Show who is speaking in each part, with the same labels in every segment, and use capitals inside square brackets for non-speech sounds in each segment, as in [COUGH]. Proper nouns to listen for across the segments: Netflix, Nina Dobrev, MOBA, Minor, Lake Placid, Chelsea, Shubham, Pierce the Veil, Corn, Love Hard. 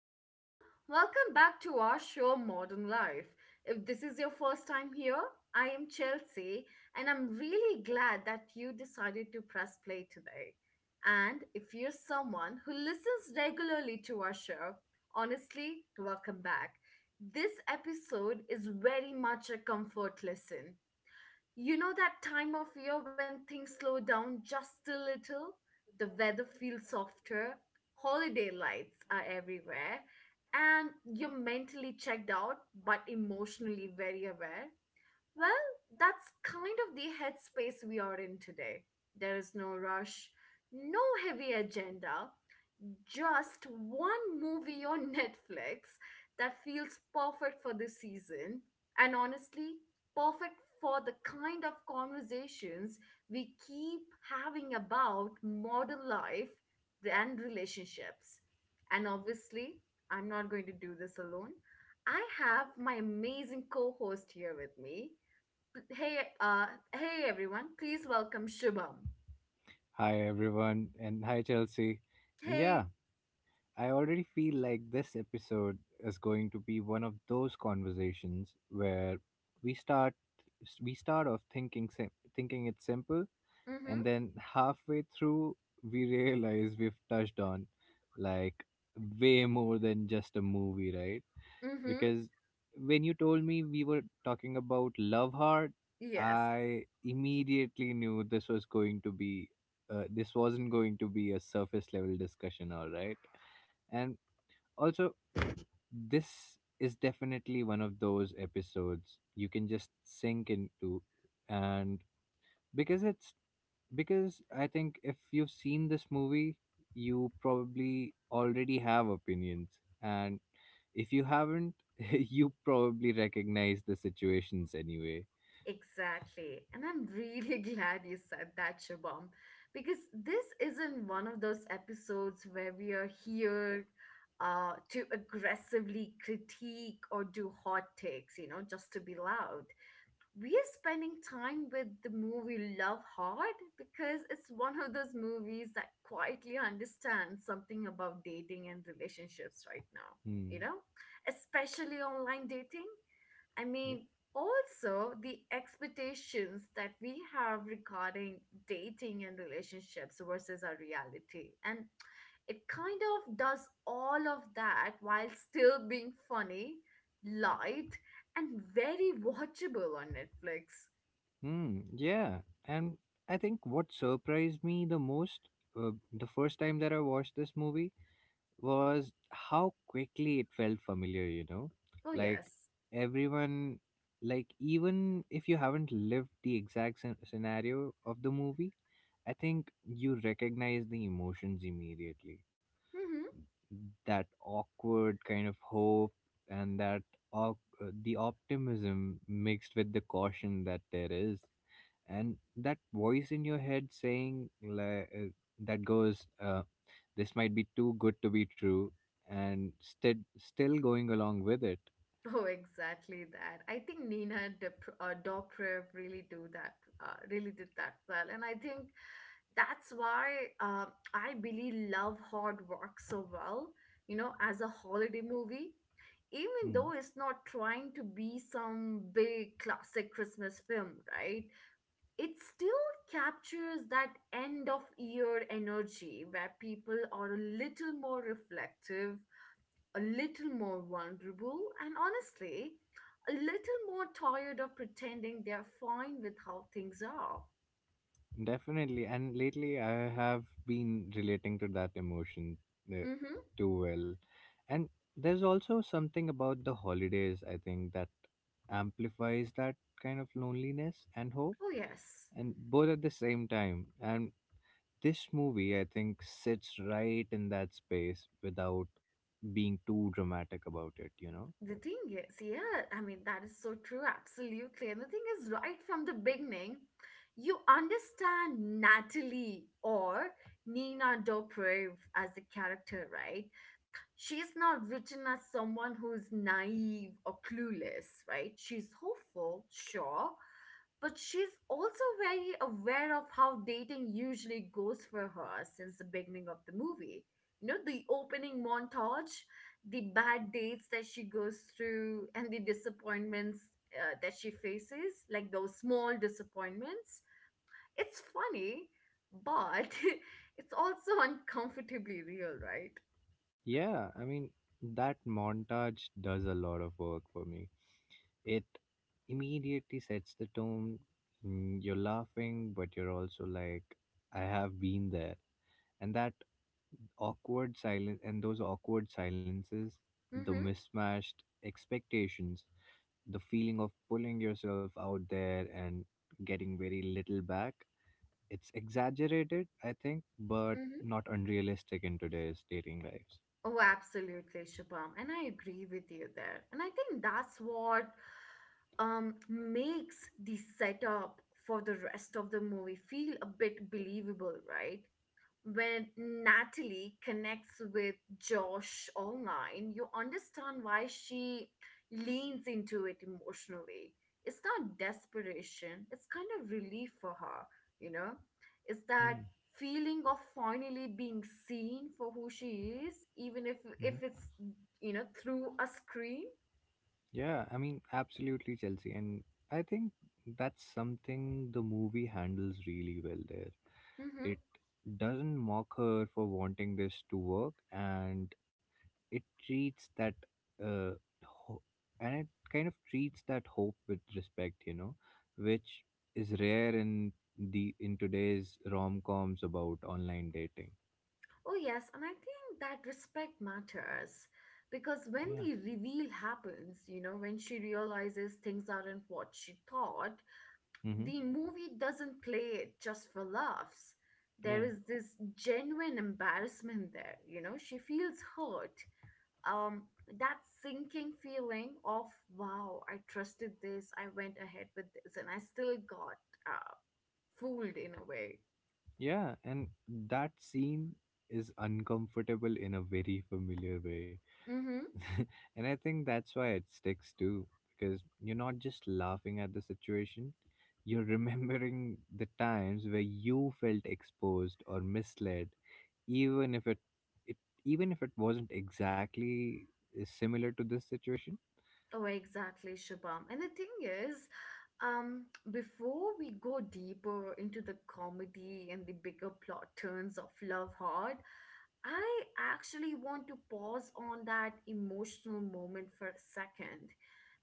Speaker 1: everyone. Welcome back to our show, Modern Life. If this is your first time here, I am Chelsea, and I'm really glad that you decided to press play today. And if you're someone who listens regularly to our show, honestly, welcome back. This episode is very much a comfort listen. You know that time of year when things slow down just a little? The weather feels softer, holiday lights are everywhere, and you're mentally checked out but emotionally very aware. Well, that's kind of the headspace we are in today. There is no rush, no heavy agenda, just one movie on [LAUGHS] Netflix that feels perfect for this season, and honestly, perfect for the kind of conversations we keep having about modern life and relationships. And obviously, I'm not going to do this alone. I have my amazing co host here with me. Hey, hey everyone, please welcome Shubham.
Speaker 2: Hi, everyone, and hi, Chelsea. And yeah,
Speaker 1: Hey,
Speaker 2: I already feel like this episode is going to be one of those conversations where we start we start off thinking thinking it's simple,
Speaker 1: mm
Speaker 2: and then halfway through we realize we've touched on, like, way more than just a movie, right?
Speaker 1: mm hmm,
Speaker 2: Because when you told me we were talking about Love Heart,
Speaker 1: yes.
Speaker 2: I immediately knew this wasn't going to be a surface level discussion. All right. And also, this is definitely one of those episodes you can just sink into. And because it's because I think if you've seen this movie, you probably already have opinions. And if you haven't, [LAUGHS] you probably recognize the situations anyway.
Speaker 1: Exactly. And I'm really [LAUGHS] glad you said that, Shabam, because this isn't one of those episodes where we are here to aggressively critique or do hot takes, you know, just to be loud. We are spending time with the movie Love Hard because it's one of those movies that quietly understands something about dating and relationships right now,
Speaker 2: Hmm.
Speaker 1: you know, especially online dating. I
Speaker 2: Yeah.
Speaker 1: mean, also the expectations that we have regarding dating and relationships versus our reality. And it kind of does all of that while still being funny, light, and very watchable on Netflix.
Speaker 2: Hmm. Yeah. And I think what surprised me the most, the first time that I watched this movie, was how quickly it felt familiar, you know?
Speaker 1: Oh,
Speaker 2: Like,
Speaker 1: yes.
Speaker 2: everyone, like, even if you haven't lived the exact scenario of the movie, I think you recognize the emotions immediately.
Speaker 1: Mm-hmm.
Speaker 2: That awkward kind of hope, and the optimism mixed with the caution that there is, and that voice in your head saying, like, that goes, this might be too good to be true, and still going along with it.
Speaker 1: Oh, exactly that. I think Nina Dep Dobrev really do that, really did that well, and I think that's why um, I really love Hard Rock so well. You know, as a holiday movie, even
Speaker 2: Hmm.
Speaker 1: though it's not trying to be some big classic Christmas film, right? It still captures that end of year energy where people are a little more reflective, a little more vulnerable, and honestly, a little more tired of pretending they're fine with how things are.
Speaker 2: Definitely. And lately, I have been relating to that emotion uh,
Speaker 1: Mm-hmm.
Speaker 2: too well. And there's also something about the holidays, I think, that amplifies that kind of loneliness and hope,
Speaker 1: Oh, yes.
Speaker 2: and both at the same time. And this movie, I think, sits right in that space without being too dramatic about it, you know?
Speaker 1: The thing is, yeah, I mean, that is so true, absolutely. And the thing is, right from the beginning, you understand Natalie or Nina Dobrev as the character, right? She's not written as someone who's naive or clueless, right? She's hopeful, sure, but she's also very aware of how dating usually goes for her since the beginning of the movie. You know, the opening montage, the bad dates that she goes through, and the disappointments that she faces, like those small disappointments. It's funny, but [LAUGHS] it's also uncomfortably real, right?
Speaker 2: Yeah, I mean, that montage does a lot of work for me. It immediately sets the tone. You're laughing, but you're also like, I have been there. And that awkward silence and those awkward silences, the
Speaker 1: Mm-hmm.
Speaker 2: mismatched expectations, the feeling of pulling yourself out there and getting very little back. It's exaggerated, I think, but
Speaker 1: Mm-hmm.
Speaker 2: not unrealistic in today's dating lives.
Speaker 1: Oh, absolutely, Shubham. And I agree with you there. And I think that's what makes the setup for the rest of the movie feel a bit believable, right? When Natalie connects with Josh online, you understand why she leans into it emotionally. It's not desperation, it's kind of relief for her, you know? It's
Speaker 2: Hmm.
Speaker 1: that feeling of finally being seen for who she is, even if it's, you know, through a screen.
Speaker 2: Yeah, I mean, absolutely, Chelsea. And I think that's something the movie handles really well there.
Speaker 1: Mm-hmm.
Speaker 2: It doesn't mock her for wanting this to work, it treats that, uh, ho- and it kind of treats that hope with respect, which is rare in today's rom-coms about online dating.
Speaker 1: Oh, yes, and I think that respect matters because when
Speaker 2: Yeah.
Speaker 1: the reveal happens, you know, when she realizes things aren't what she thought, the
Speaker 2: Mm-hmm.
Speaker 1: movie doesn't play it just for laughs.
Speaker 2: Yeah.
Speaker 1: There is this genuine embarrassment there, you know, she feels hurt. Um, that sinking feeling of, wow, I trusted this, I went ahead with this, and I still got uh, fooled in a way.
Speaker 2: Yeah, and that scene is uncomfortable in a very familiar way.
Speaker 1: Mm-hmm.
Speaker 2: [LAUGHS] And I think that's why it sticks too, because you're not just laughing at the situation, you're [LAUGHS] remembering the times where you felt exposed or misled, even if it, it even if it wasn't exactly similar to this situation.
Speaker 1: Oh, exactly, Shabam. And the thing is, Um, before we go deeper into the comedy and the bigger plot turns of Love Hard, I actually want to pause on that emotional moment for a second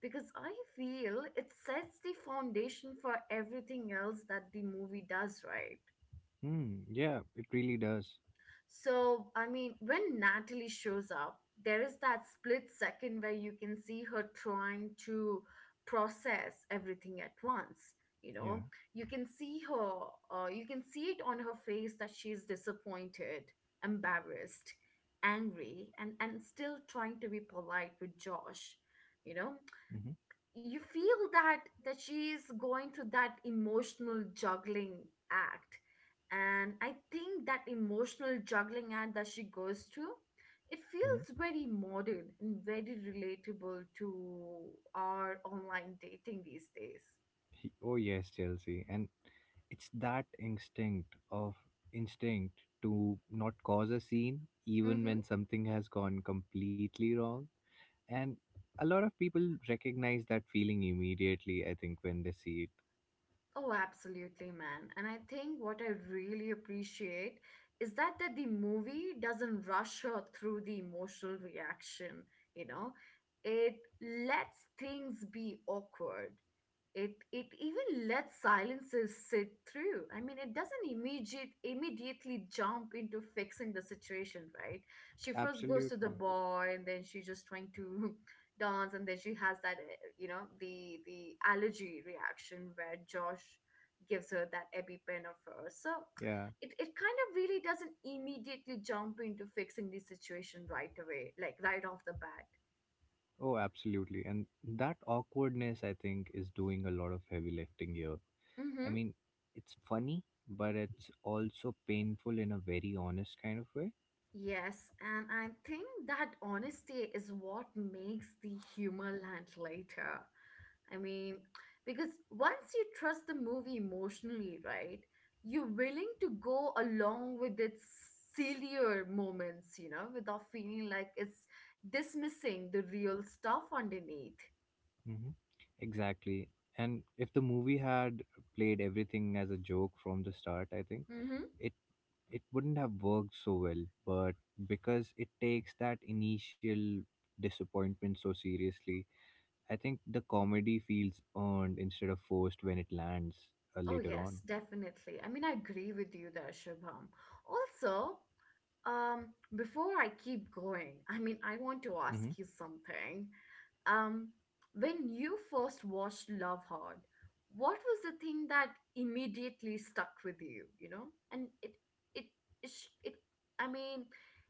Speaker 1: because I feel it sets the foundation for everything else that the movie does, right?
Speaker 2: Hmm, yeah, it really does.
Speaker 1: So, I mean, when Natalie shows up, there is that split second where you can see her trying to process everything at once. You
Speaker 2: Yeah.
Speaker 1: know, you can see her, you can see it on her face that she's disappointed, embarrassed, angry, and still trying to be polite with Josh. You know,
Speaker 2: Hmm.
Speaker 1: you feel that she is going through that emotional juggling act, and I think that emotional juggling act that she goes through, it feels very modern and very relatable to our online dating these days.
Speaker 2: Oh, yes, Chelsea, and it's that instinct to not cause a scene even
Speaker 1: Mm-hmm.
Speaker 2: when something has gone completely wrong. And a lot of people recognize that feeling immediately, I think, when they see it.
Speaker 1: Oh, absolutely, man. And I think what I really appreciate is that the movie doesn't rush her through the emotional reaction, you know? It lets things be awkward, it even lets silences sit through. I mean, it doesn't immediately jump into fixing the situation, right? She first goes to the
Speaker 2: Absolutely.
Speaker 1: bar and then she's just trying to [LAUGHS] dance, and then she has that you know, the allergy reaction where Josh gives her that epipen of hers. So
Speaker 2: Yeah.
Speaker 1: it kind of really doesn't immediately jump into fixing the situation right away, like right off the bat.
Speaker 2: Oh, absolutely. And that awkwardness, I think, is doing a lot of heavy lifting here. I
Speaker 1: Mm-hmm.
Speaker 2: mean, it's funny, but it's also painful in a very honest kind of way.
Speaker 1: Yes, and I think that honesty is what makes the humor land later. I mean, because once you trust the movie emotionally, right, you're willing to go along with its sillier moments, you know, without feeling like it's dismissing the real stuff underneath.
Speaker 2: Hmm. Exactly. And if the movie had played everything as a joke from the start, I think
Speaker 1: Mm-hmm.
Speaker 2: it it wouldn't have worked so well. But because it takes that initial disappointment so seriously, I think the comedy feels earned instead of forced when it lands,
Speaker 1: Oh,
Speaker 2: later on.
Speaker 1: yes, definitely. I mean, I agree with you there, Shubham. Also, before I keep going, I mean, I want to
Speaker 2: Hmm.
Speaker 1: ask you something. Um, when you first watched Love Hard, what was the thing that immediately stuck with you, you know? And it, it, it, sh- it, I mean,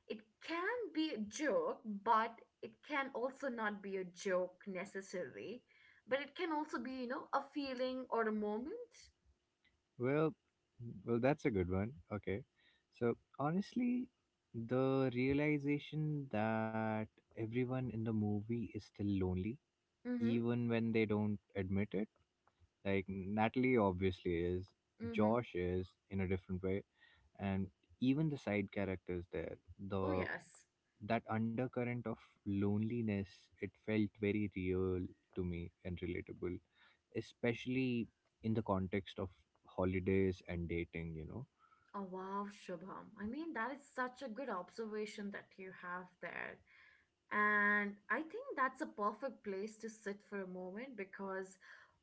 Speaker 1: it can be a joke, but it can also not be a joke necessarily. But it can also be, you know, a feeling or a moment.
Speaker 2: Well, that's a good one. Okay. So honestly, the realization that everyone in the movie is still lonely,
Speaker 1: Mm-hmm.
Speaker 2: even when they don't admit it. Like, Natalie obviously is,
Speaker 1: Mm-hmm.
Speaker 2: Josh is in a different way, and even the side characters there,
Speaker 1: Oh,
Speaker 2: the
Speaker 1: yes.
Speaker 2: that undercurrent of loneliness, it felt very real to me and relatable, especially in the context of holidays and dating.
Speaker 1: Oh, wow, Shubham. I mean, that is such a good observation that you have there. And I think that's a perfect place to sit for a moment because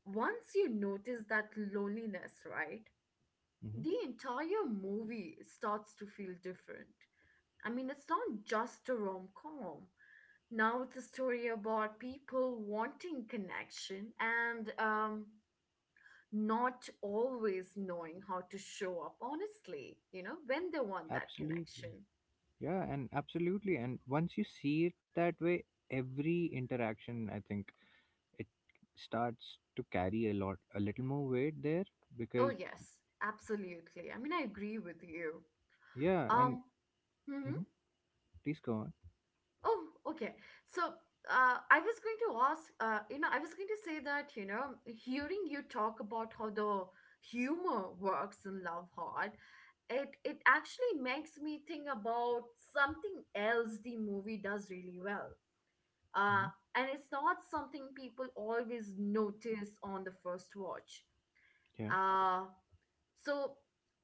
Speaker 1: once you notice that loneliness, right, the
Speaker 2: Hmm.
Speaker 1: entire movie starts to feel different. I mean, it's not just a rom com. Now it's a story about people wanting connection and, not always knowing how to show up honestly, you know, when they want that
Speaker 2: Absolutely.
Speaker 1: connection.
Speaker 2: Yeah, and absolutely. And once you see it that way, every interaction, I think, it starts to carry a little more weight there
Speaker 1: Oh,
Speaker 2: because,
Speaker 1: yes, absolutely. I mean, I agree with you.
Speaker 2: yeah, and
Speaker 1: Um, mhm.
Speaker 2: mhm, please go on.
Speaker 1: Oh, okay. So, I was going to ask, you know, I was going to say that, you know, hearing you talk about how the humor works in Love Hard, it actually makes me think about something else the movie does really well,
Speaker 2: Hmm.
Speaker 1: uh, and it's not something people always notice on the first watch.
Speaker 2: Yeah.
Speaker 1: Uh, so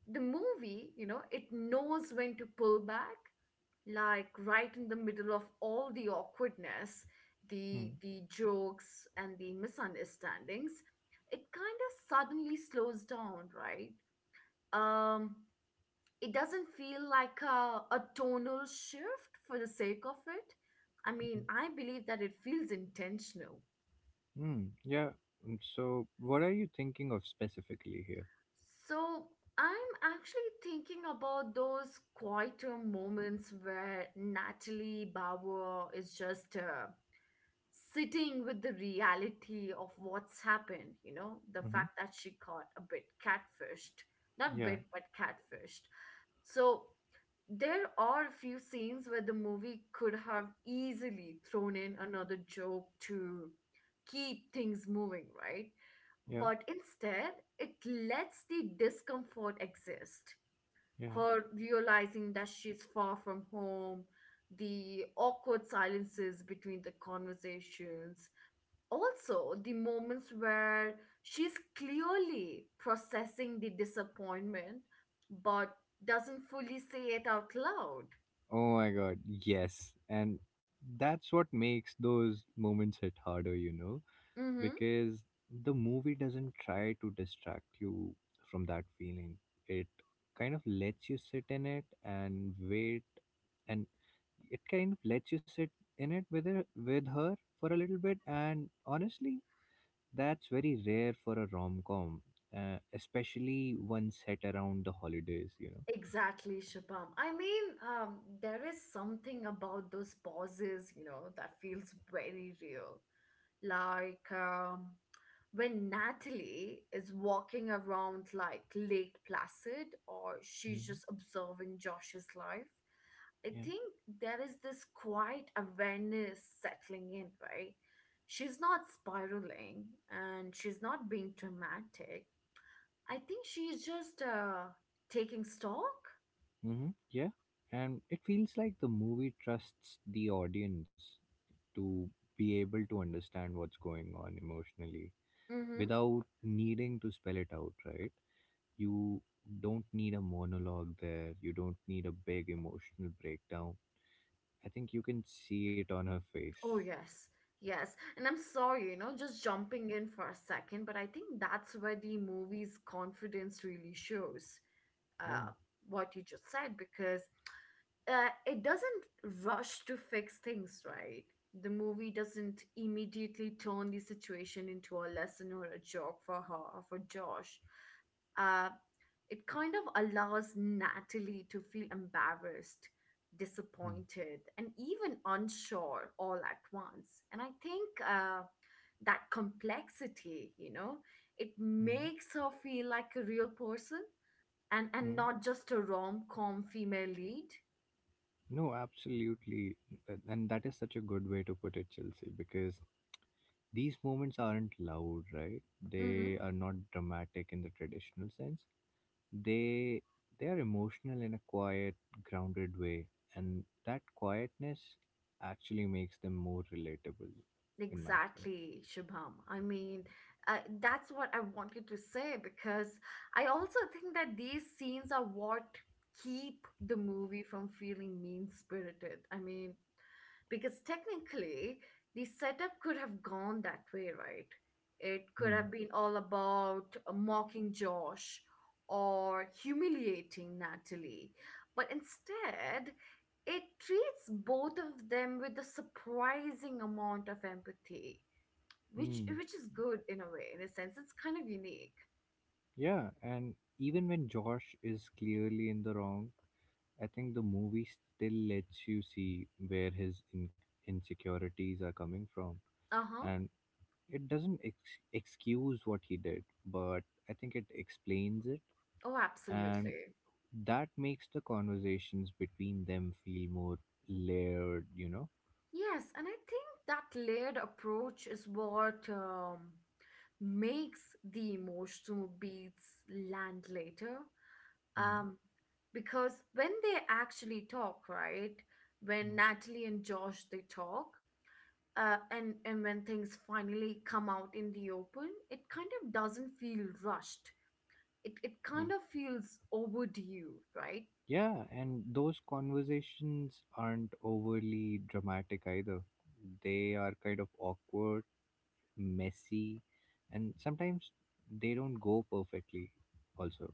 Speaker 1: the movie, you know, it knows when to pull back, like right in the middle of all the awkwardness, the
Speaker 2: Mm,
Speaker 1: the jokes and the misunderstandings, it kind of suddenly slows down, right? Um, it doesn't feel like a tonal shift for the sake of it. I
Speaker 2: mm,
Speaker 1: mean, I believe that it feels intentional.
Speaker 2: mm, yeah. So, what are you thinking of specifically here?
Speaker 1: So I'm actually thinking about those quieter moments where Natalie Bauer is just sitting with the reality of what's happened, you know, the
Speaker 2: Hmm.
Speaker 1: fact that she got a bit catfished, not
Speaker 2: Yeah.
Speaker 1: bit, but catfished. So there are a few scenes where the movie could have easily thrown in another joke to keep things moving, right?
Speaker 2: Yeah.
Speaker 1: But instead, it lets the discomfort exist.
Speaker 2: Yeah.
Speaker 1: Her realizing that she's far from home, the awkward silences between the conversations, also the moments where she's clearly processing the disappointment but doesn't fully say it out loud.
Speaker 2: Oh my god, yes. And that's what makes those moments hit harder,
Speaker 1: Mm-hmm.
Speaker 2: because the movie doesn't try to distract you from that feeling. It kind of lets you sit in it and wait, and it kind of lets you sit in it with her, for a little bit. And honestly, that's very rare for a rom-com, especially one set around the holidays.
Speaker 1: Exactly, Shubham. I mean, there is something about those pauses, you know, that feels very real. Like when Natalie is walking around like Lake Placid or she's
Speaker 2: Mhm.
Speaker 1: just observing Josh's life. I
Speaker 2: Yeah.
Speaker 1: think there is this quiet awareness settling in, right? She's not spiraling and she's not being dramatic. I think she's just taking stock.
Speaker 2: Mm-hmm. Yeah. And it feels like the movie trusts the audience to be able to understand what's going on emotionally without needing to spell it out, right? You don't need a monologue there, you don't need a big emotional breakdown. I think you can see it on her face.
Speaker 1: Oh, yes. Yes. And I'm sorry, you know, just jumping in for a second, but I think that's where the movie's confidence really shows,
Speaker 2: Yeah.
Speaker 1: uh, what you just said, because it doesn't rush to fix things, right? The movie doesn't immediately turn the situation into a lesson or a joke for her or for Josh. uh, it kind of allows Natalie to feel embarrassed, disappointed, and even unsure all at once, and I think that complexity, you know, it
Speaker 2: Mm-hmm.
Speaker 1: makes her feel like a real person, and not just a rom-com female lead.
Speaker 2: No, absolutely. And that is such a good way to put it, Chelsea, because these moments aren't loud, right?
Speaker 1: Mm-hmm.
Speaker 2: They are not dramatic in the traditional sense. They they are emotional in a quiet, grounded way, and that quietness actually makes them more relatable, in my opinion.
Speaker 1: Exactly, Shubham. I mean, that's what I wanted to say because I also think that these scenes are what keep the movie from feeling mean spirited. I mean, because technically the setup could have gone that way, right? It could have been all about mocking Josh or humiliating Natalie, but instead it treats both of them with a surprising amount of empathy,
Speaker 2: Hmm. Hmm.
Speaker 1: which is good in a way, in a sense it's kind of unique.
Speaker 2: Yeah, and even when Josh is clearly in the wrong, I think the movie still lets you see where his insecurities are coming from.
Speaker 1: Uh-huh.
Speaker 2: And it doesn't excuse what he did, but I think it explains it,
Speaker 1: Oh,
Speaker 2: and
Speaker 1: absolutely.
Speaker 2: that makes the conversations between them feel more layered, you know?
Speaker 1: Yes, and I think that layered approach is what makes the emotional beats land later.
Speaker 2: Mm,
Speaker 1: Um, because when they actually talk, right? When
Speaker 2: mm,
Speaker 1: Natalie and Josh they talk, and when things finally come out in the open, it kind of doesn't feel rushed. It
Speaker 2: yeah.
Speaker 1: kind of feels overdue, right?
Speaker 2: Yeah, and those conversations aren't overly dramatic either. They are kind of awkward, messy, and sometimes they don't go perfectly, also.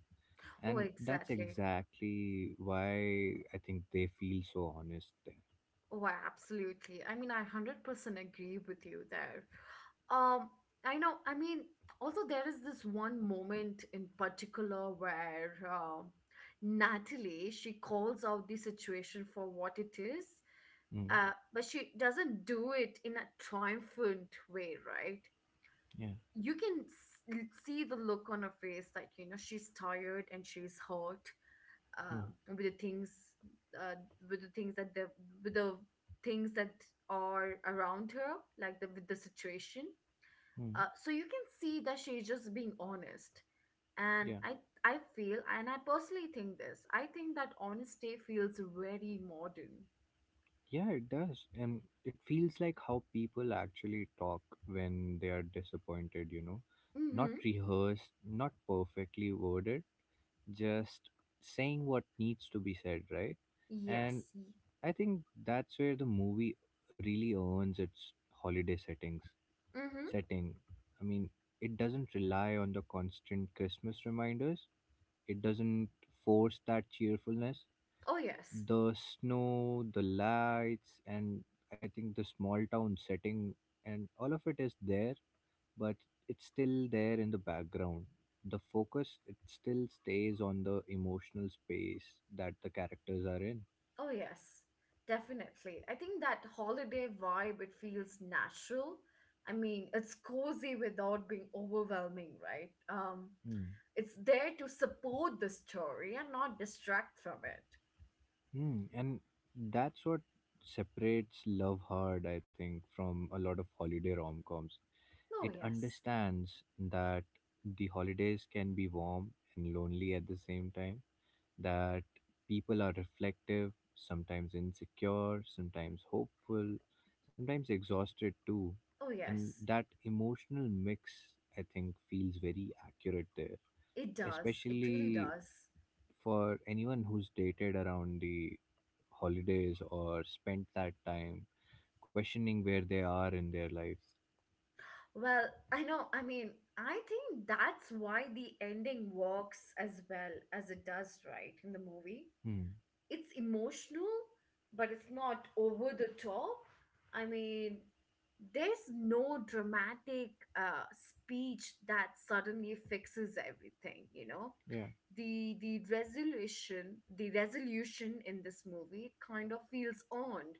Speaker 1: Oh,
Speaker 2: And that's
Speaker 1: exactly.
Speaker 2: exactly why I think they feel so honest there.
Speaker 1: Oh, I absolutely. I mean, I 100% agree with you there. Um, I know. I mean, also there is this one moment in particular where Natalie she calls out the situation for what it is,
Speaker 2: Mm.
Speaker 1: but she doesn't do it in a triumphant way, right?
Speaker 2: Yeah.
Speaker 1: You can see the look on her face, like you know she's tired and she's hurt,
Speaker 2: Hmm.
Speaker 1: uh, with the things uh, with the things that the with the things that are around her, like the with the situation,
Speaker 2: Mm.
Speaker 1: so you can see that she's just being honest. and
Speaker 2: Yeah.
Speaker 1: i i feel and i personally think this I think that honesty feels very modern.
Speaker 2: Yeah, it does. And it feels like how people actually talk when they are disappointed. Not
Speaker 1: Mm-hmm.
Speaker 2: rehearsed, not perfectly worded, just saying what needs to be said, right? And
Speaker 1: Yes.
Speaker 2: I think that's where the movie really earns its holiday
Speaker 1: Mm-hmm.
Speaker 2: setting. I mean, it doesn't rely on the constant Christmas reminders. It doesn't force that cheerfulness,
Speaker 1: Oh yes.
Speaker 2: the snow, the lights, and I think the small town setting, and all of it is there, but it's still there in the background. The focus, it still stays on the emotional space that the characters are in.
Speaker 1: Oh, yes, definitely. I think that holiday vibe, it feels natural. I mean, it's cozy without being overwhelming, right?
Speaker 2: Hmm.
Speaker 1: It's there to support the story and not distract from it.
Speaker 2: Hmm. And that's what separates Love Hard, I think, from a lot of holiday rom coms.
Speaker 1: Oh,
Speaker 2: It
Speaker 1: yes.
Speaker 2: understands that the holidays can be warm and lonely at the same time, that people are reflective, sometimes insecure, sometimes hopeful, sometimes exhausted too.
Speaker 1: Oh,
Speaker 2: And
Speaker 1: yes.
Speaker 2: that emotional mix, I think, feels very accurate there,
Speaker 1: It does. It really
Speaker 2: especially
Speaker 1: does.
Speaker 2: for anyone who's dated around the holidays or spent that time questioning where they are in their lives.
Speaker 1: Well, I know. I mean, I think that's why the ending works as well as it does, right, in the movie.
Speaker 2: Hmm.
Speaker 1: It's emotional, but it's not over the top. I mean, there's no dramatic speech that suddenly fixes everything, you know.
Speaker 2: Yeah.
Speaker 1: The resolution in this movie kind of feels earned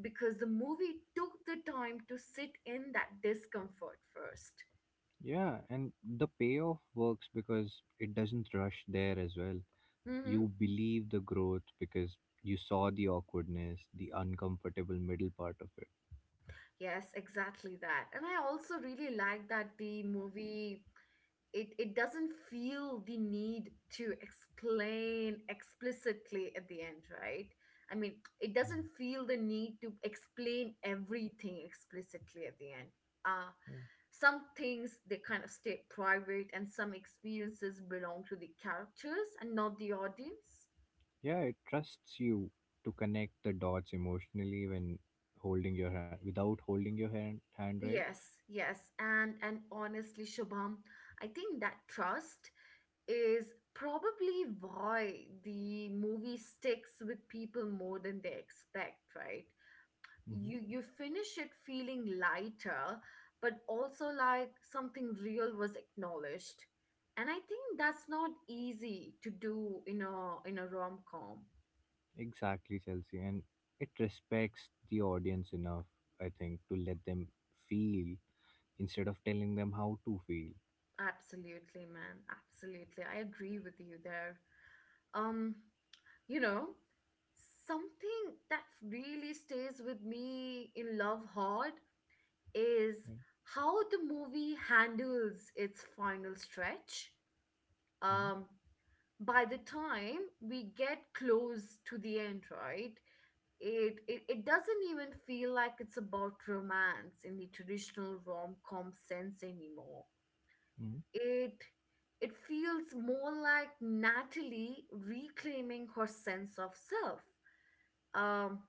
Speaker 1: because the movie took the time to sit in that discomfort first.
Speaker 2: Yeah. And the payoff works because it doesn't rush there as well.
Speaker 1: Mm-hmm.
Speaker 2: You believe the growth because you saw the awkwardness, the uncomfortable middle part of it.
Speaker 1: Yes, exactly that. And I also really like that the movie it it doesn't feel the need to explain explicitly at the end right I mean it doesn't feel the need to explain everything explicitly at the end. uh
Speaker 2: Yeah.
Speaker 1: some things they kind of stay private, and some experiences belong to the characters and not the audience.
Speaker 2: Yeah, it trusts you to connect the dots emotionally when holding your hand without holding your hand, right?
Speaker 1: Yes, yes. And honestly, Shubham, I think that trust is probably why the movie sticks with people more than they expect, right? You
Speaker 2: Hmm.
Speaker 1: you finish it feeling lighter, but also like something real was acknowledged. And I think that's not easy to do in a rom-com.
Speaker 2: Exactly, Chelsea. And it respects the audience enough, I think, to let them feel instead of telling them how to feel.
Speaker 1: Absolutely, man. Absolutely. I agree with you there. Um, you know, something that really stays with me in Love Hard is how the movie handles its final stretch. Um, by the time we get close to the end, right? It doesn't even feel like it's about romance in the traditional rom-com sense anymore.
Speaker 2: Mm-hmm. Mm-hmm.
Speaker 1: It it feels more like Natalie reclaiming her sense of self. Um,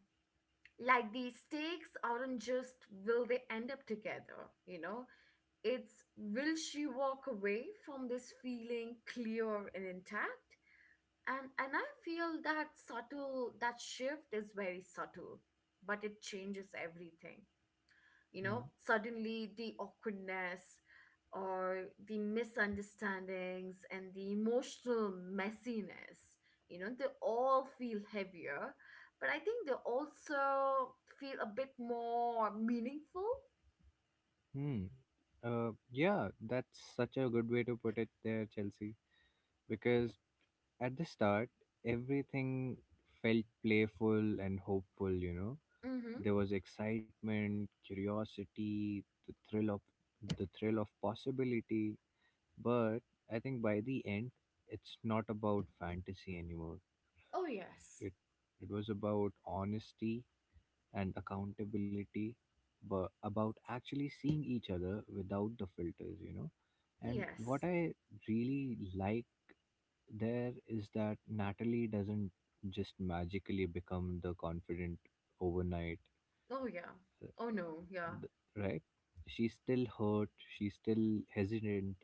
Speaker 1: like the stakes aren't just will they end up together, you know? It's, will she walk away from this feeling clear and intact? And I feel that shift is very subtle, but it changes everything. You know, suddenly the awkwardness or the misunderstandings and the emotional messiness, you know, they all feel heavier, but I think they also feel a bit more meaningful.
Speaker 2: Mm-hmm. Hmm. Yeah, that's such a good way to put it there, Chelsea. Because at the start, everything felt playful and hopeful.
Speaker 1: Mm-hmm.
Speaker 2: There was excitement, curiosity, the thrill of the thrill of possibility, but I think by the end, it's not about fantasy anymore.
Speaker 1: Oh yes.
Speaker 2: It it was about honesty and accountability, but about actually seeing each other without the filters, and what
Speaker 1: Yes.
Speaker 2: I really like there is that Natalie doesn't just magically become the confident overnight,
Speaker 1: Oh yeah.
Speaker 2: uh,
Speaker 1: Oh no, yeah.
Speaker 2: th- right, she's still hurt, she's still hesitant,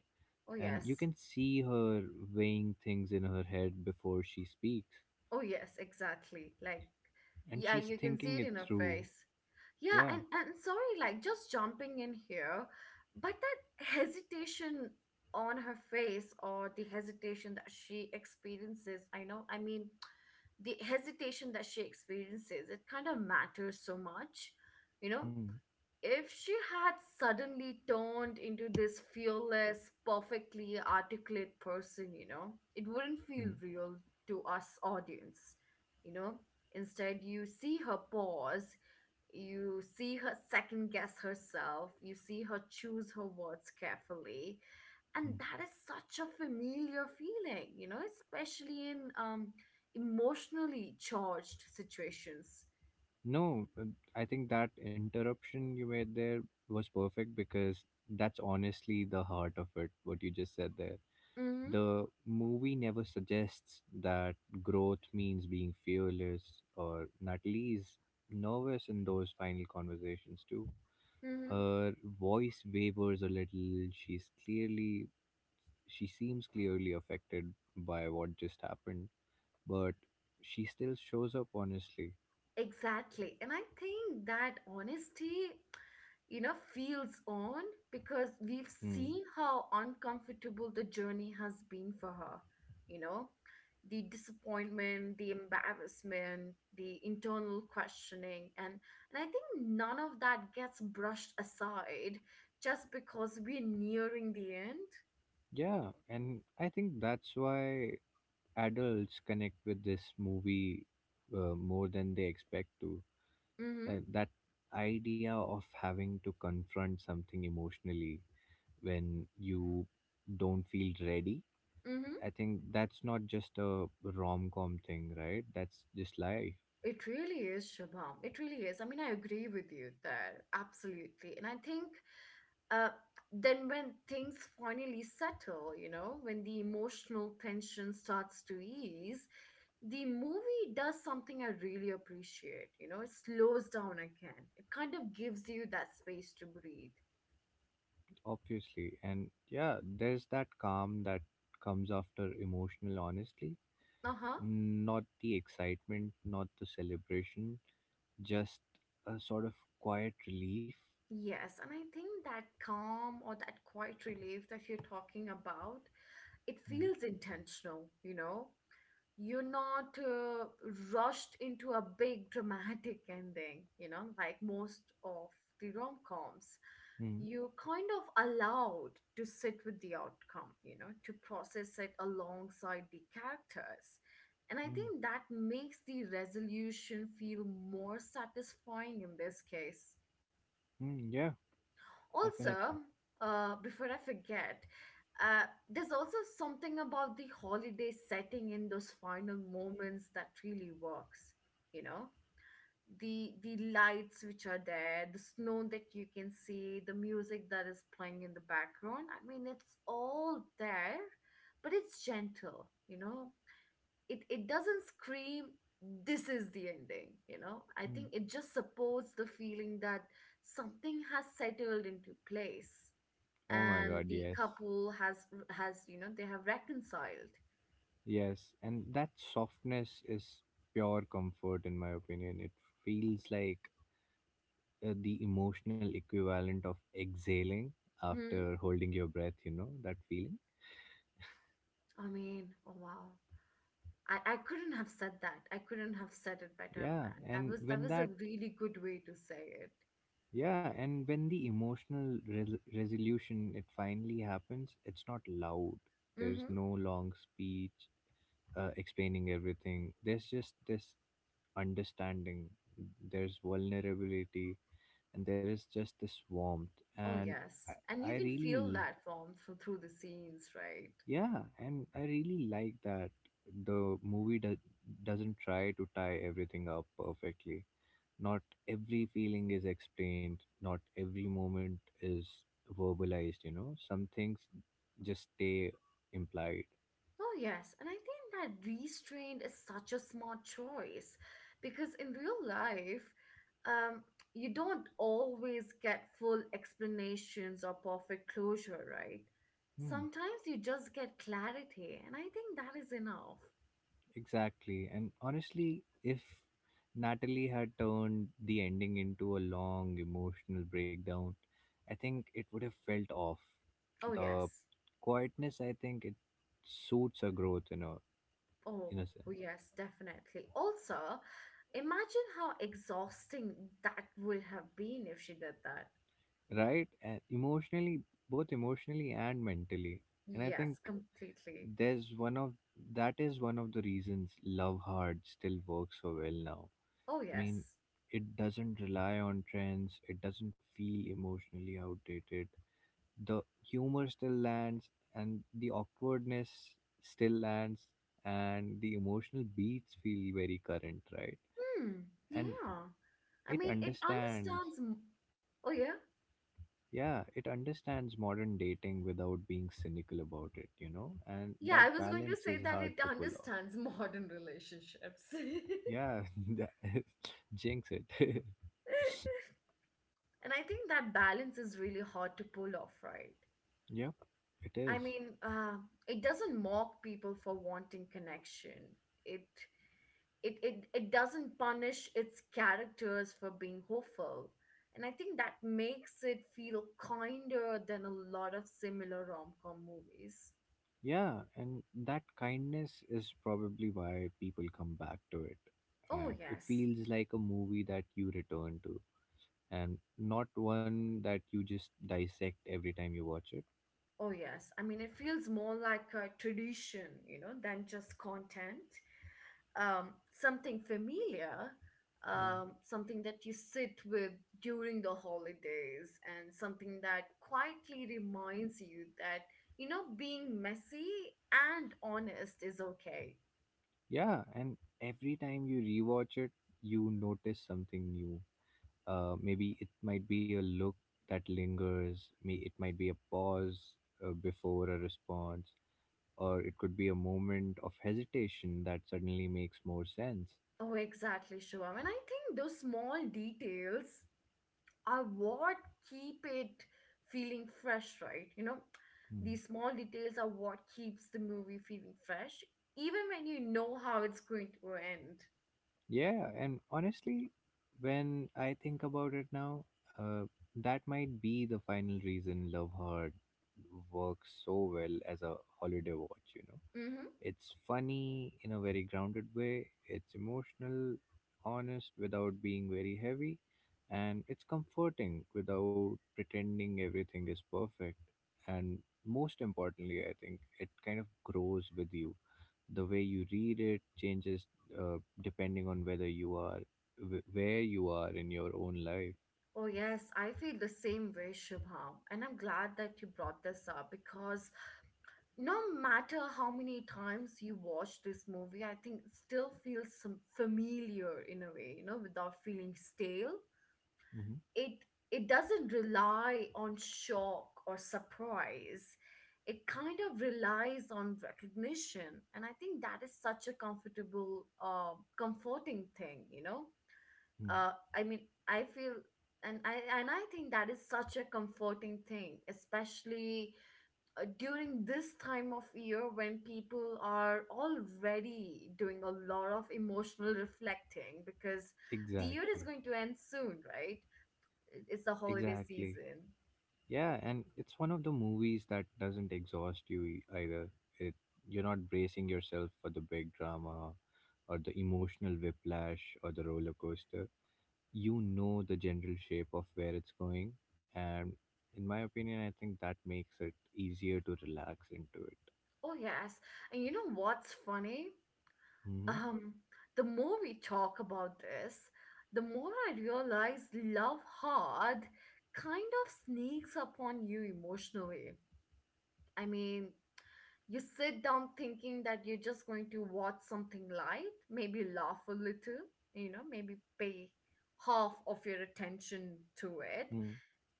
Speaker 1: Oh
Speaker 2: and you
Speaker 1: yes.
Speaker 2: can see her weighing things in her head before she speaks,
Speaker 1: Oh yes, exactly. Like
Speaker 2: and
Speaker 1: yeah,
Speaker 2: she's
Speaker 1: you can see
Speaker 2: thinking
Speaker 1: it
Speaker 2: it
Speaker 1: in her
Speaker 2: through.
Speaker 1: face. Yeah,
Speaker 2: Yeah.
Speaker 1: and sorry, like just jumping in here, but that hesitation on her face or the hesitation that she experiences, I know, I mean, the hesitation that she experiences, it kind of matters so much, you know,
Speaker 2: Hmm.
Speaker 1: if she had suddenly turned into this fearless, perfectly articulate person, you know, it wouldn't feel
Speaker 2: Hmm.
Speaker 1: real to us audience, you know. Instead, you see her pause, you see her second guess herself, you see her choose her words carefully. And
Speaker 2: Hmm.
Speaker 1: that is such a familiar feeling, you know, especially in emotionally charged situations.
Speaker 2: No, but I think that interruption you made there was perfect, because that's honestly the heart of it, what you just said there.
Speaker 1: Mm-hmm.
Speaker 2: The movie never suggests that growth means being fearless, or Natalie is nervous in those final conversations too.
Speaker 1: Mm-hmm.
Speaker 2: Her voice wavers a little. She seems clearly affected by what just happened, but she still shows up honestly.
Speaker 1: Exactly. And I think that honesty, you know, feels on because we've
Speaker 2: Hmm.
Speaker 1: seen how uncomfortable the journey has been for her. You know, the disappointment, the embarrassment, the internal questioning. And I think none of that gets brushed aside just because we're nearing the end.
Speaker 2: Yeah, and I think that's why adults connect with this movie, more than they expect to.
Speaker 1: Mm-hmm.
Speaker 2: That idea of having to confront something emotionally when you don't feel ready.
Speaker 1: Mm-hmm.
Speaker 2: I think that's not just a rom com thing, right? That's just life,
Speaker 1: It really is, Shabam. It really is. I mean, I agree with you there. Absolutely. And I think uh, then when things finally settle, you know, when the emotional tension starts to ease, the movie does something I really appreciate. You know, it slows down again. It kind of gives you that space to breathe.
Speaker 2: obviously. And yeah, there's that calm that comes after emotional honesty,
Speaker 1: Uh huh.
Speaker 2: not the excitement, not the celebration, just a sort of quiet relief.
Speaker 1: Yes, and I think that calm or that quiet relief that you're talking about, it
Speaker 2: Hmm.
Speaker 1: feels intentional, you know? You're not rushed into a big dramatic ending, you know, like most of the rom coms.
Speaker 2: Hmm.
Speaker 1: You're kind of allowed to sit with the outcome, you know, to process it alongside the characters. And I
Speaker 2: Hmm.
Speaker 1: think that makes the resolution feel more satisfying in this case.
Speaker 2: Mm, yeah, definitely.
Speaker 1: Also, before I forget, uh, there's also something about the holiday setting in those final moments that really works. You know, the lights which are there, the snow that you can see, the music that is playing in the background. I mean, it's all there, but it's gentle. You know, it doesn't scream, "This is the ending." You know, I think
Speaker 2: Hmm.
Speaker 1: it just supports the feeling that something has settled into place
Speaker 2: Oh my
Speaker 1: and
Speaker 2: god,
Speaker 1: the
Speaker 2: yes.
Speaker 1: couple has you know they have reconciled.
Speaker 2: Yes, and that softness is pure comfort, in my opinion. It feels like, the emotional equivalent of exhaling
Speaker 1: Hmm.
Speaker 2: after holding your breath, that feeling.
Speaker 1: I mean, oh wow, I couldn't have said that, I couldn't have said it better,
Speaker 2: Yeah,
Speaker 1: man. that
Speaker 2: and
Speaker 1: was that
Speaker 2: when
Speaker 1: was a
Speaker 2: that,
Speaker 1: really good way to say it.
Speaker 2: yeah, and when the emotional resolution it finally happens, it's not loud. There's
Speaker 1: Mm-hmm.
Speaker 2: no long speech, explaining everything. There's just this understanding, there's vulnerability, and there is just this warmth.
Speaker 1: Oh
Speaker 2: And I,
Speaker 1: yes, and
Speaker 2: I
Speaker 1: you can feel
Speaker 2: really,
Speaker 1: that from through the scenes, right?
Speaker 2: yeah, and I really like that the movie doesn't try to tie everything up perfectly. Not every feeling is explained, not every moment is verbalized. Some things just stay implied.
Speaker 1: Oh, yes. And I think that restraint is such a smart choice because in real life, um, you don't always get full explanations or perfect closure, right?
Speaker 2: Hmm.
Speaker 1: Sometimes you just get clarity, and I think that is enough.
Speaker 2: Exactly. And honestly, if Natalie had turned the ending into a long emotional breakdown, I think it would have felt off.
Speaker 1: Oh,
Speaker 2: The
Speaker 1: yes.
Speaker 2: quietness, I think it suits her growth
Speaker 1: Oh,
Speaker 2: in a sense.
Speaker 1: yes, definitely. Also, imagine how exhausting that would have been if she did that.
Speaker 2: Right? And emotionally both emotionally and mentally. And I think
Speaker 1: Yes, completely.
Speaker 2: there's one of that is one of the reasons Love Hard still works so well now.
Speaker 1: Oh,
Speaker 2: I mean,
Speaker 1: yes.
Speaker 2: it doesn't rely on trends, it doesn't feel emotionally outdated. The humor still lands, and the awkwardness still lands, and the emotional beats feel very current, right?
Speaker 1: Hmm,
Speaker 2: And
Speaker 1: yeah. I
Speaker 2: it
Speaker 1: mean, it
Speaker 2: understands,
Speaker 1: understands. Oh, yeah?
Speaker 2: yeah, it understands modern dating without being cynical about it, you know? And
Speaker 1: Yeah,
Speaker 2: that
Speaker 1: I was going to
Speaker 2: balance
Speaker 1: say
Speaker 2: is
Speaker 1: that
Speaker 2: hard
Speaker 1: it
Speaker 2: to pull off.
Speaker 1: understands modern relationships. [LAUGHS]
Speaker 2: Yeah, [LAUGHS] that- [LAUGHS] jinx it.
Speaker 1: And I think that balance is really hard to pull off, right?
Speaker 2: [LAUGHS] Yep, it
Speaker 1: I
Speaker 2: is.
Speaker 1: mean, it doesn't mock people for wanting connection. It it doesn't punish its characters for being hopeful. And I think that makes it feel kinder than a lot of similar rom-com movies.
Speaker 2: Yeah, and that kindness is probably why people come back to it.
Speaker 1: Oh
Speaker 2: It
Speaker 1: yes.
Speaker 2: feels like a movie that you return to, and not one that you just dissect every time you watch it.
Speaker 1: Oh, yes. I mean, it feels more like a tradition, you know, than just content. Something familiar,
Speaker 2: Yeah.
Speaker 1: something that you sit with during the holidays, and something that quietly reminds you that, you know, being messy and honest is okay.
Speaker 2: Yeah, and every time you rewatch it, you notice something new. Maybe it might be a look that lingers, may it might be a pause before a response, or it could be a moment of hesitation that suddenly makes more sense.
Speaker 1: Oh, exactly, Shivam. And I think those small details are what keep it feeling fresh, right? You know,
Speaker 2: Hmm.
Speaker 1: these small details are what keeps the movie feeling fresh, even when you know how it's going to end.
Speaker 2: Yeah, and honestly, when I think about it now, uh, that might be the final reason Love Hurt works so well as a holiday watch, you know.
Speaker 1: Mm-hmm.
Speaker 2: It's funny in a very grounded way, it's emotional, honest without being very heavy, and it's comforting without pretending everything is perfect. And most importantly, I think it kind of grows with you the way you read it changes depending on whether you are where you are in your own life.
Speaker 1: Oh, yes, I feel the same way, Shubham. And I'm glad that you brought this up because no matter how many times you watch this movie, I think it still feels some familiar in a way, you know, without feeling stale.
Speaker 2: Mhm.
Speaker 1: it it doesn't rely on shock or surprise. It kind of relies on recognition, and I think that is such a comfortable, comforting thing, you know.
Speaker 2: Mm.
Speaker 1: Uh, I mean I feel and I think that is such a comforting thing, especially during this time of year when people are already doing a lot of emotional reflecting, because the year is
Speaker 2: Exactly.
Speaker 1: going to end soon, right? It's the holiday
Speaker 2: Exactly,
Speaker 1: season.
Speaker 2: yeah, and it's one of the movies that doesn't exhaust you either. It you're not bracing yourself for the big drama or the emotional whiplash or the roller coaster. You know the general shape of where it's going, and in my opinion I think that makes it easier to relax into it.
Speaker 1: Oh, yes. And you know what's funny?
Speaker 2: Hmm.
Speaker 1: Um, the more we talk about this, the more I realize Love Hard kind of sneaks up on you emotionally. I mean, you sit down thinking that you're just going to watch something light, maybe laugh a little, you know, maybe pay half of your attention to it.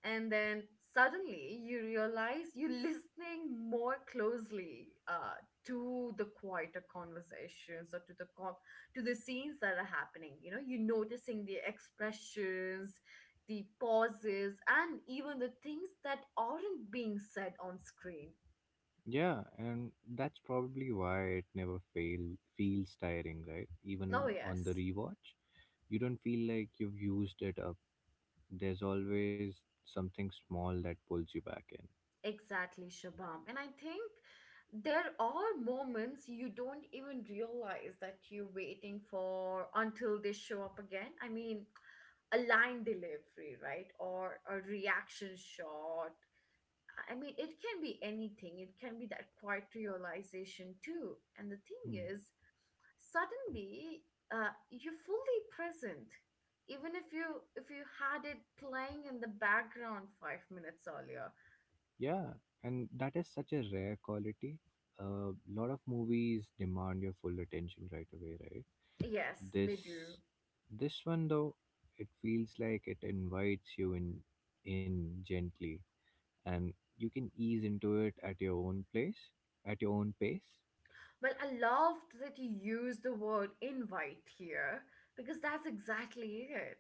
Speaker 1: And then suddenly you realize you're listening more closely to the quieter conversations or to the to the scenes that are happening. You know, you're noticing the expressions, the pauses, and even the things that aren't being said on screen.
Speaker 2: Yeah, and that's probably why it never fail feels tiring, right?
Speaker 1: Oh
Speaker 2: Even on the
Speaker 1: yes.
Speaker 2: rewatch, you don't feel like you've used it up. There's always something small that pulls you back in.
Speaker 1: Exactly, Shabam. And I think there are moments you don't even realize that you're waiting for until they show up again. I mean, a line delivery, right? Or a reaction shot. I mean, it can be anything. It can be that quiet realization too. And the thing
Speaker 2: Hmm.
Speaker 1: is, suddenly, you're fully present. Even if you had it playing in the background 5 minutes earlier.
Speaker 2: Yeah, and that is such a rare quality. A lot of movies demand your full attention right away, right?
Speaker 1: Yes,
Speaker 2: This
Speaker 1: they do.
Speaker 2: this one though, it feels like it invites you in gently and you can ease into it at your own place, at your own pace.
Speaker 1: Well, I loved that you used the word invite here because that's exactly it.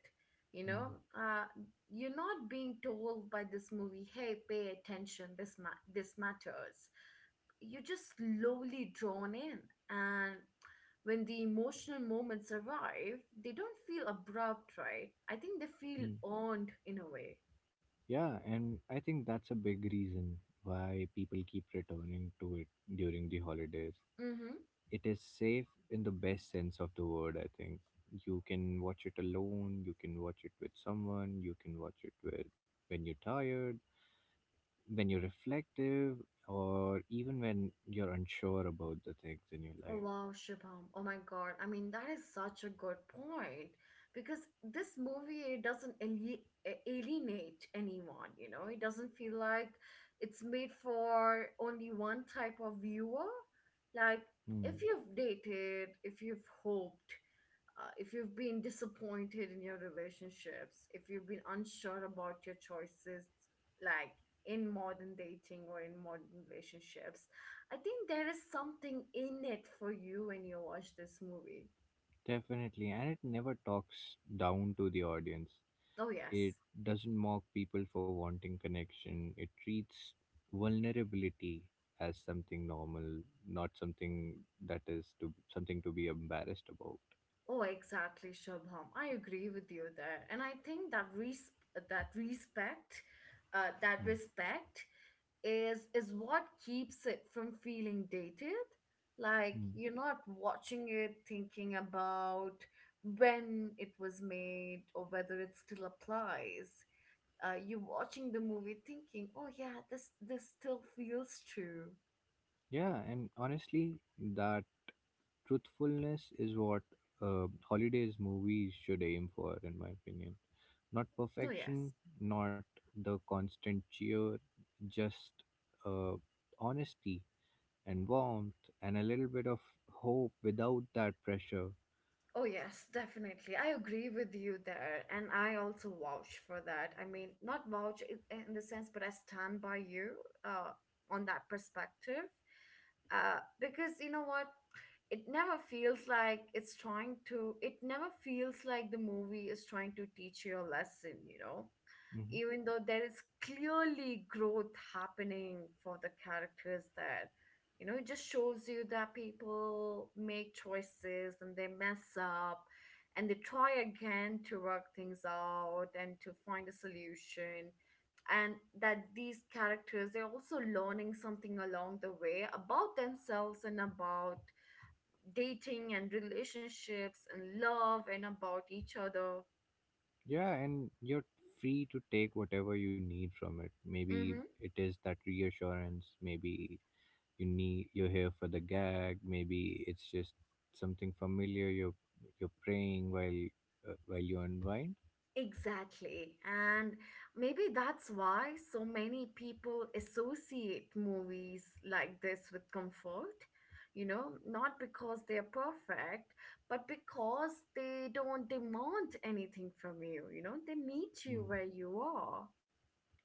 Speaker 1: You
Speaker 2: Mm,
Speaker 1: know, uh, you're not being told by this movie, "Hey, pay attention. This this matters." You're just slowly drawn in, and when the emotional moments arrive, they don't feel abrupt, right? I think they feel
Speaker 2: mm.
Speaker 1: earned in a way.
Speaker 2: Yeah, and I think that's a big reason why people keep returning to it during the holidays.
Speaker 1: Mm-hmm.
Speaker 2: It is safe in the best sense of the word, I think. You can watch it alone, you can watch it with someone, you can watch it with when you're tired, when you're reflective, or even when you're unsure about the things in your
Speaker 1: Oh
Speaker 2: life.
Speaker 1: wow, Shubham. Oh my god. I mean, that is such a good point because this movie it doesn't alienate anyone, you know. It doesn't feel like it's made for only one type of viewer. Like
Speaker 2: Hmm.
Speaker 1: if you've dated, if you've hoped, if you've been disappointed in your relationships, if you've been unsure about your choices, like in modern dating or in modern relationships, I think there is something in it for you when you watch this movie.
Speaker 2: Definitely, and it never talks down to the audience.
Speaker 1: Oh, yes.
Speaker 2: It doesn't mock people for wanting connection. It treats vulnerability as something normal, not something that is to something to be embarrassed about.
Speaker 1: Oh, exactly, Shubham. I agree with you there. And I think that, that respect, uh,
Speaker 2: Mm.
Speaker 1: that respect is what keeps it from feeling dated. Like
Speaker 2: Mm.
Speaker 1: you're not watching it thinking about when it was made or whether it still applies. You're watching the movie thinking, oh yeah, this still feels true.
Speaker 2: Yeah, and honestly, that truthfulness is what holidays movies should aim for, in my opinion. Not
Speaker 1: Oh yes.
Speaker 2: perfection, not the constant cheer, just uh, honesty and warmth and a little bit of hope without that pressure.
Speaker 1: Oh, yes, definitely. I agree with you there. And I also vouch for that. I mean, not vouch in the sense, but I stand by you uh, on that perspective. Because you know what? It never feels like it's trying to, it never feels like the movie is trying to teach you a lesson, you know?
Speaker 2: Hmm.
Speaker 1: Even though there is clearly growth happening for the characters there. You know, it just shows you that people make choices and they mess up and they try again to work things out and to find a solution. And that these characters, they're also learning something along the way about themselves and about dating and relationships and love and about each other.
Speaker 2: Yeah, and you're free to take whatever you need from it. Maybe
Speaker 1: Mm-hmm.
Speaker 2: it is that reassurance, maybe you're here for the gag, maybe it's just something familiar you're praying while you unwind.
Speaker 1: Exactly. And maybe that's why so many people associate movies like this with comfort. You know, not because they're perfect, but because they don't demand anything from you. You know, they meet you
Speaker 2: Mm.
Speaker 1: where you are.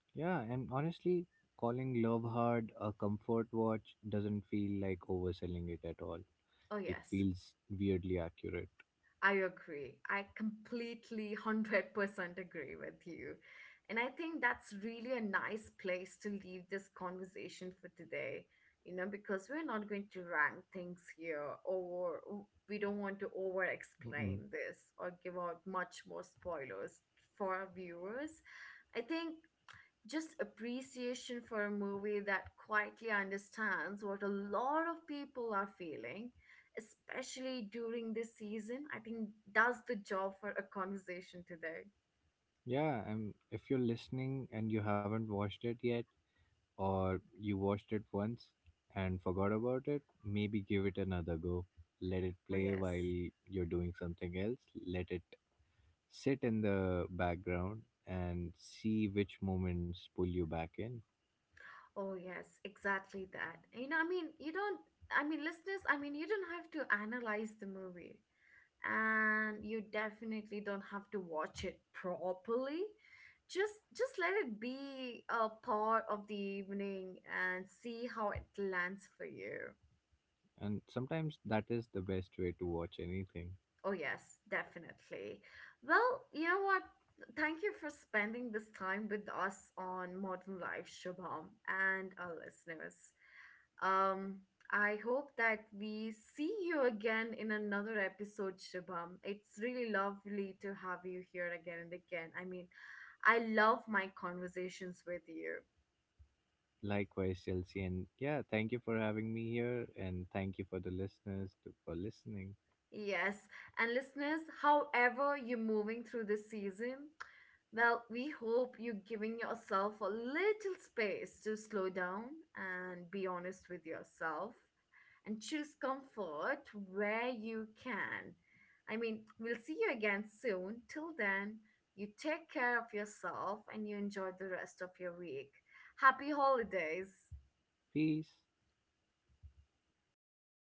Speaker 2: Yeah, and honestly, calling Love Hard a comfort watch doesn't feel like overselling it at all.
Speaker 1: Oh,
Speaker 2: It
Speaker 1: yes.
Speaker 2: feels weirdly accurate.
Speaker 1: I agree. I completely 100% agree with you. And I think that's really a nice place to leave this conversation for today, you know, because we're not going to rank things here, or we don't want to over
Speaker 2: Mm-mm.
Speaker 1: explain this or give out much more spoilers for our viewers. I think just appreciation for a movie that quietly understands what a lot of people are feeling, especially during this season, I think does the job for a conversation today.
Speaker 2: Yeah, and if you're listening and you haven't watched it yet, or you watched it once and forgot about it, maybe give it another go. Let it
Speaker 1: Oh,
Speaker 2: play
Speaker 1: yes.
Speaker 2: while you're doing something else. Let it sit in the background and see which moments pull you back in.
Speaker 1: Oh, yes, exactly that. You know, I mean, you don't, I mean, listeners, I mean, you don't have to analyze the movie. And you definitely don't have to watch it properly. Just let it be a part of the evening and see how it lands for you.
Speaker 2: And sometimes that is the best way to watch anything.
Speaker 1: Oh yes, definitely. Well, you know what, thank you for spending this time with us on Modern Life, Shubham, and our listeners. Um, I hope that we see you again in another episode, Shubham. It's really lovely to have you here again and again. I mean, I love my conversations with you.
Speaker 2: Likewise, Chelsea. And yeah, thank you for having me here. And thank you for the listeners to, for listening.
Speaker 1: Yes, and listeners, however you're moving through this season, well, we hope you're giving yourself a little space to slow down and be honest with yourself and choose comfort where you can. I mean, we'll see you again soon. Till then, you take care of yourself and you enjoy the rest of your week. Happy holidays!
Speaker 2: Peace.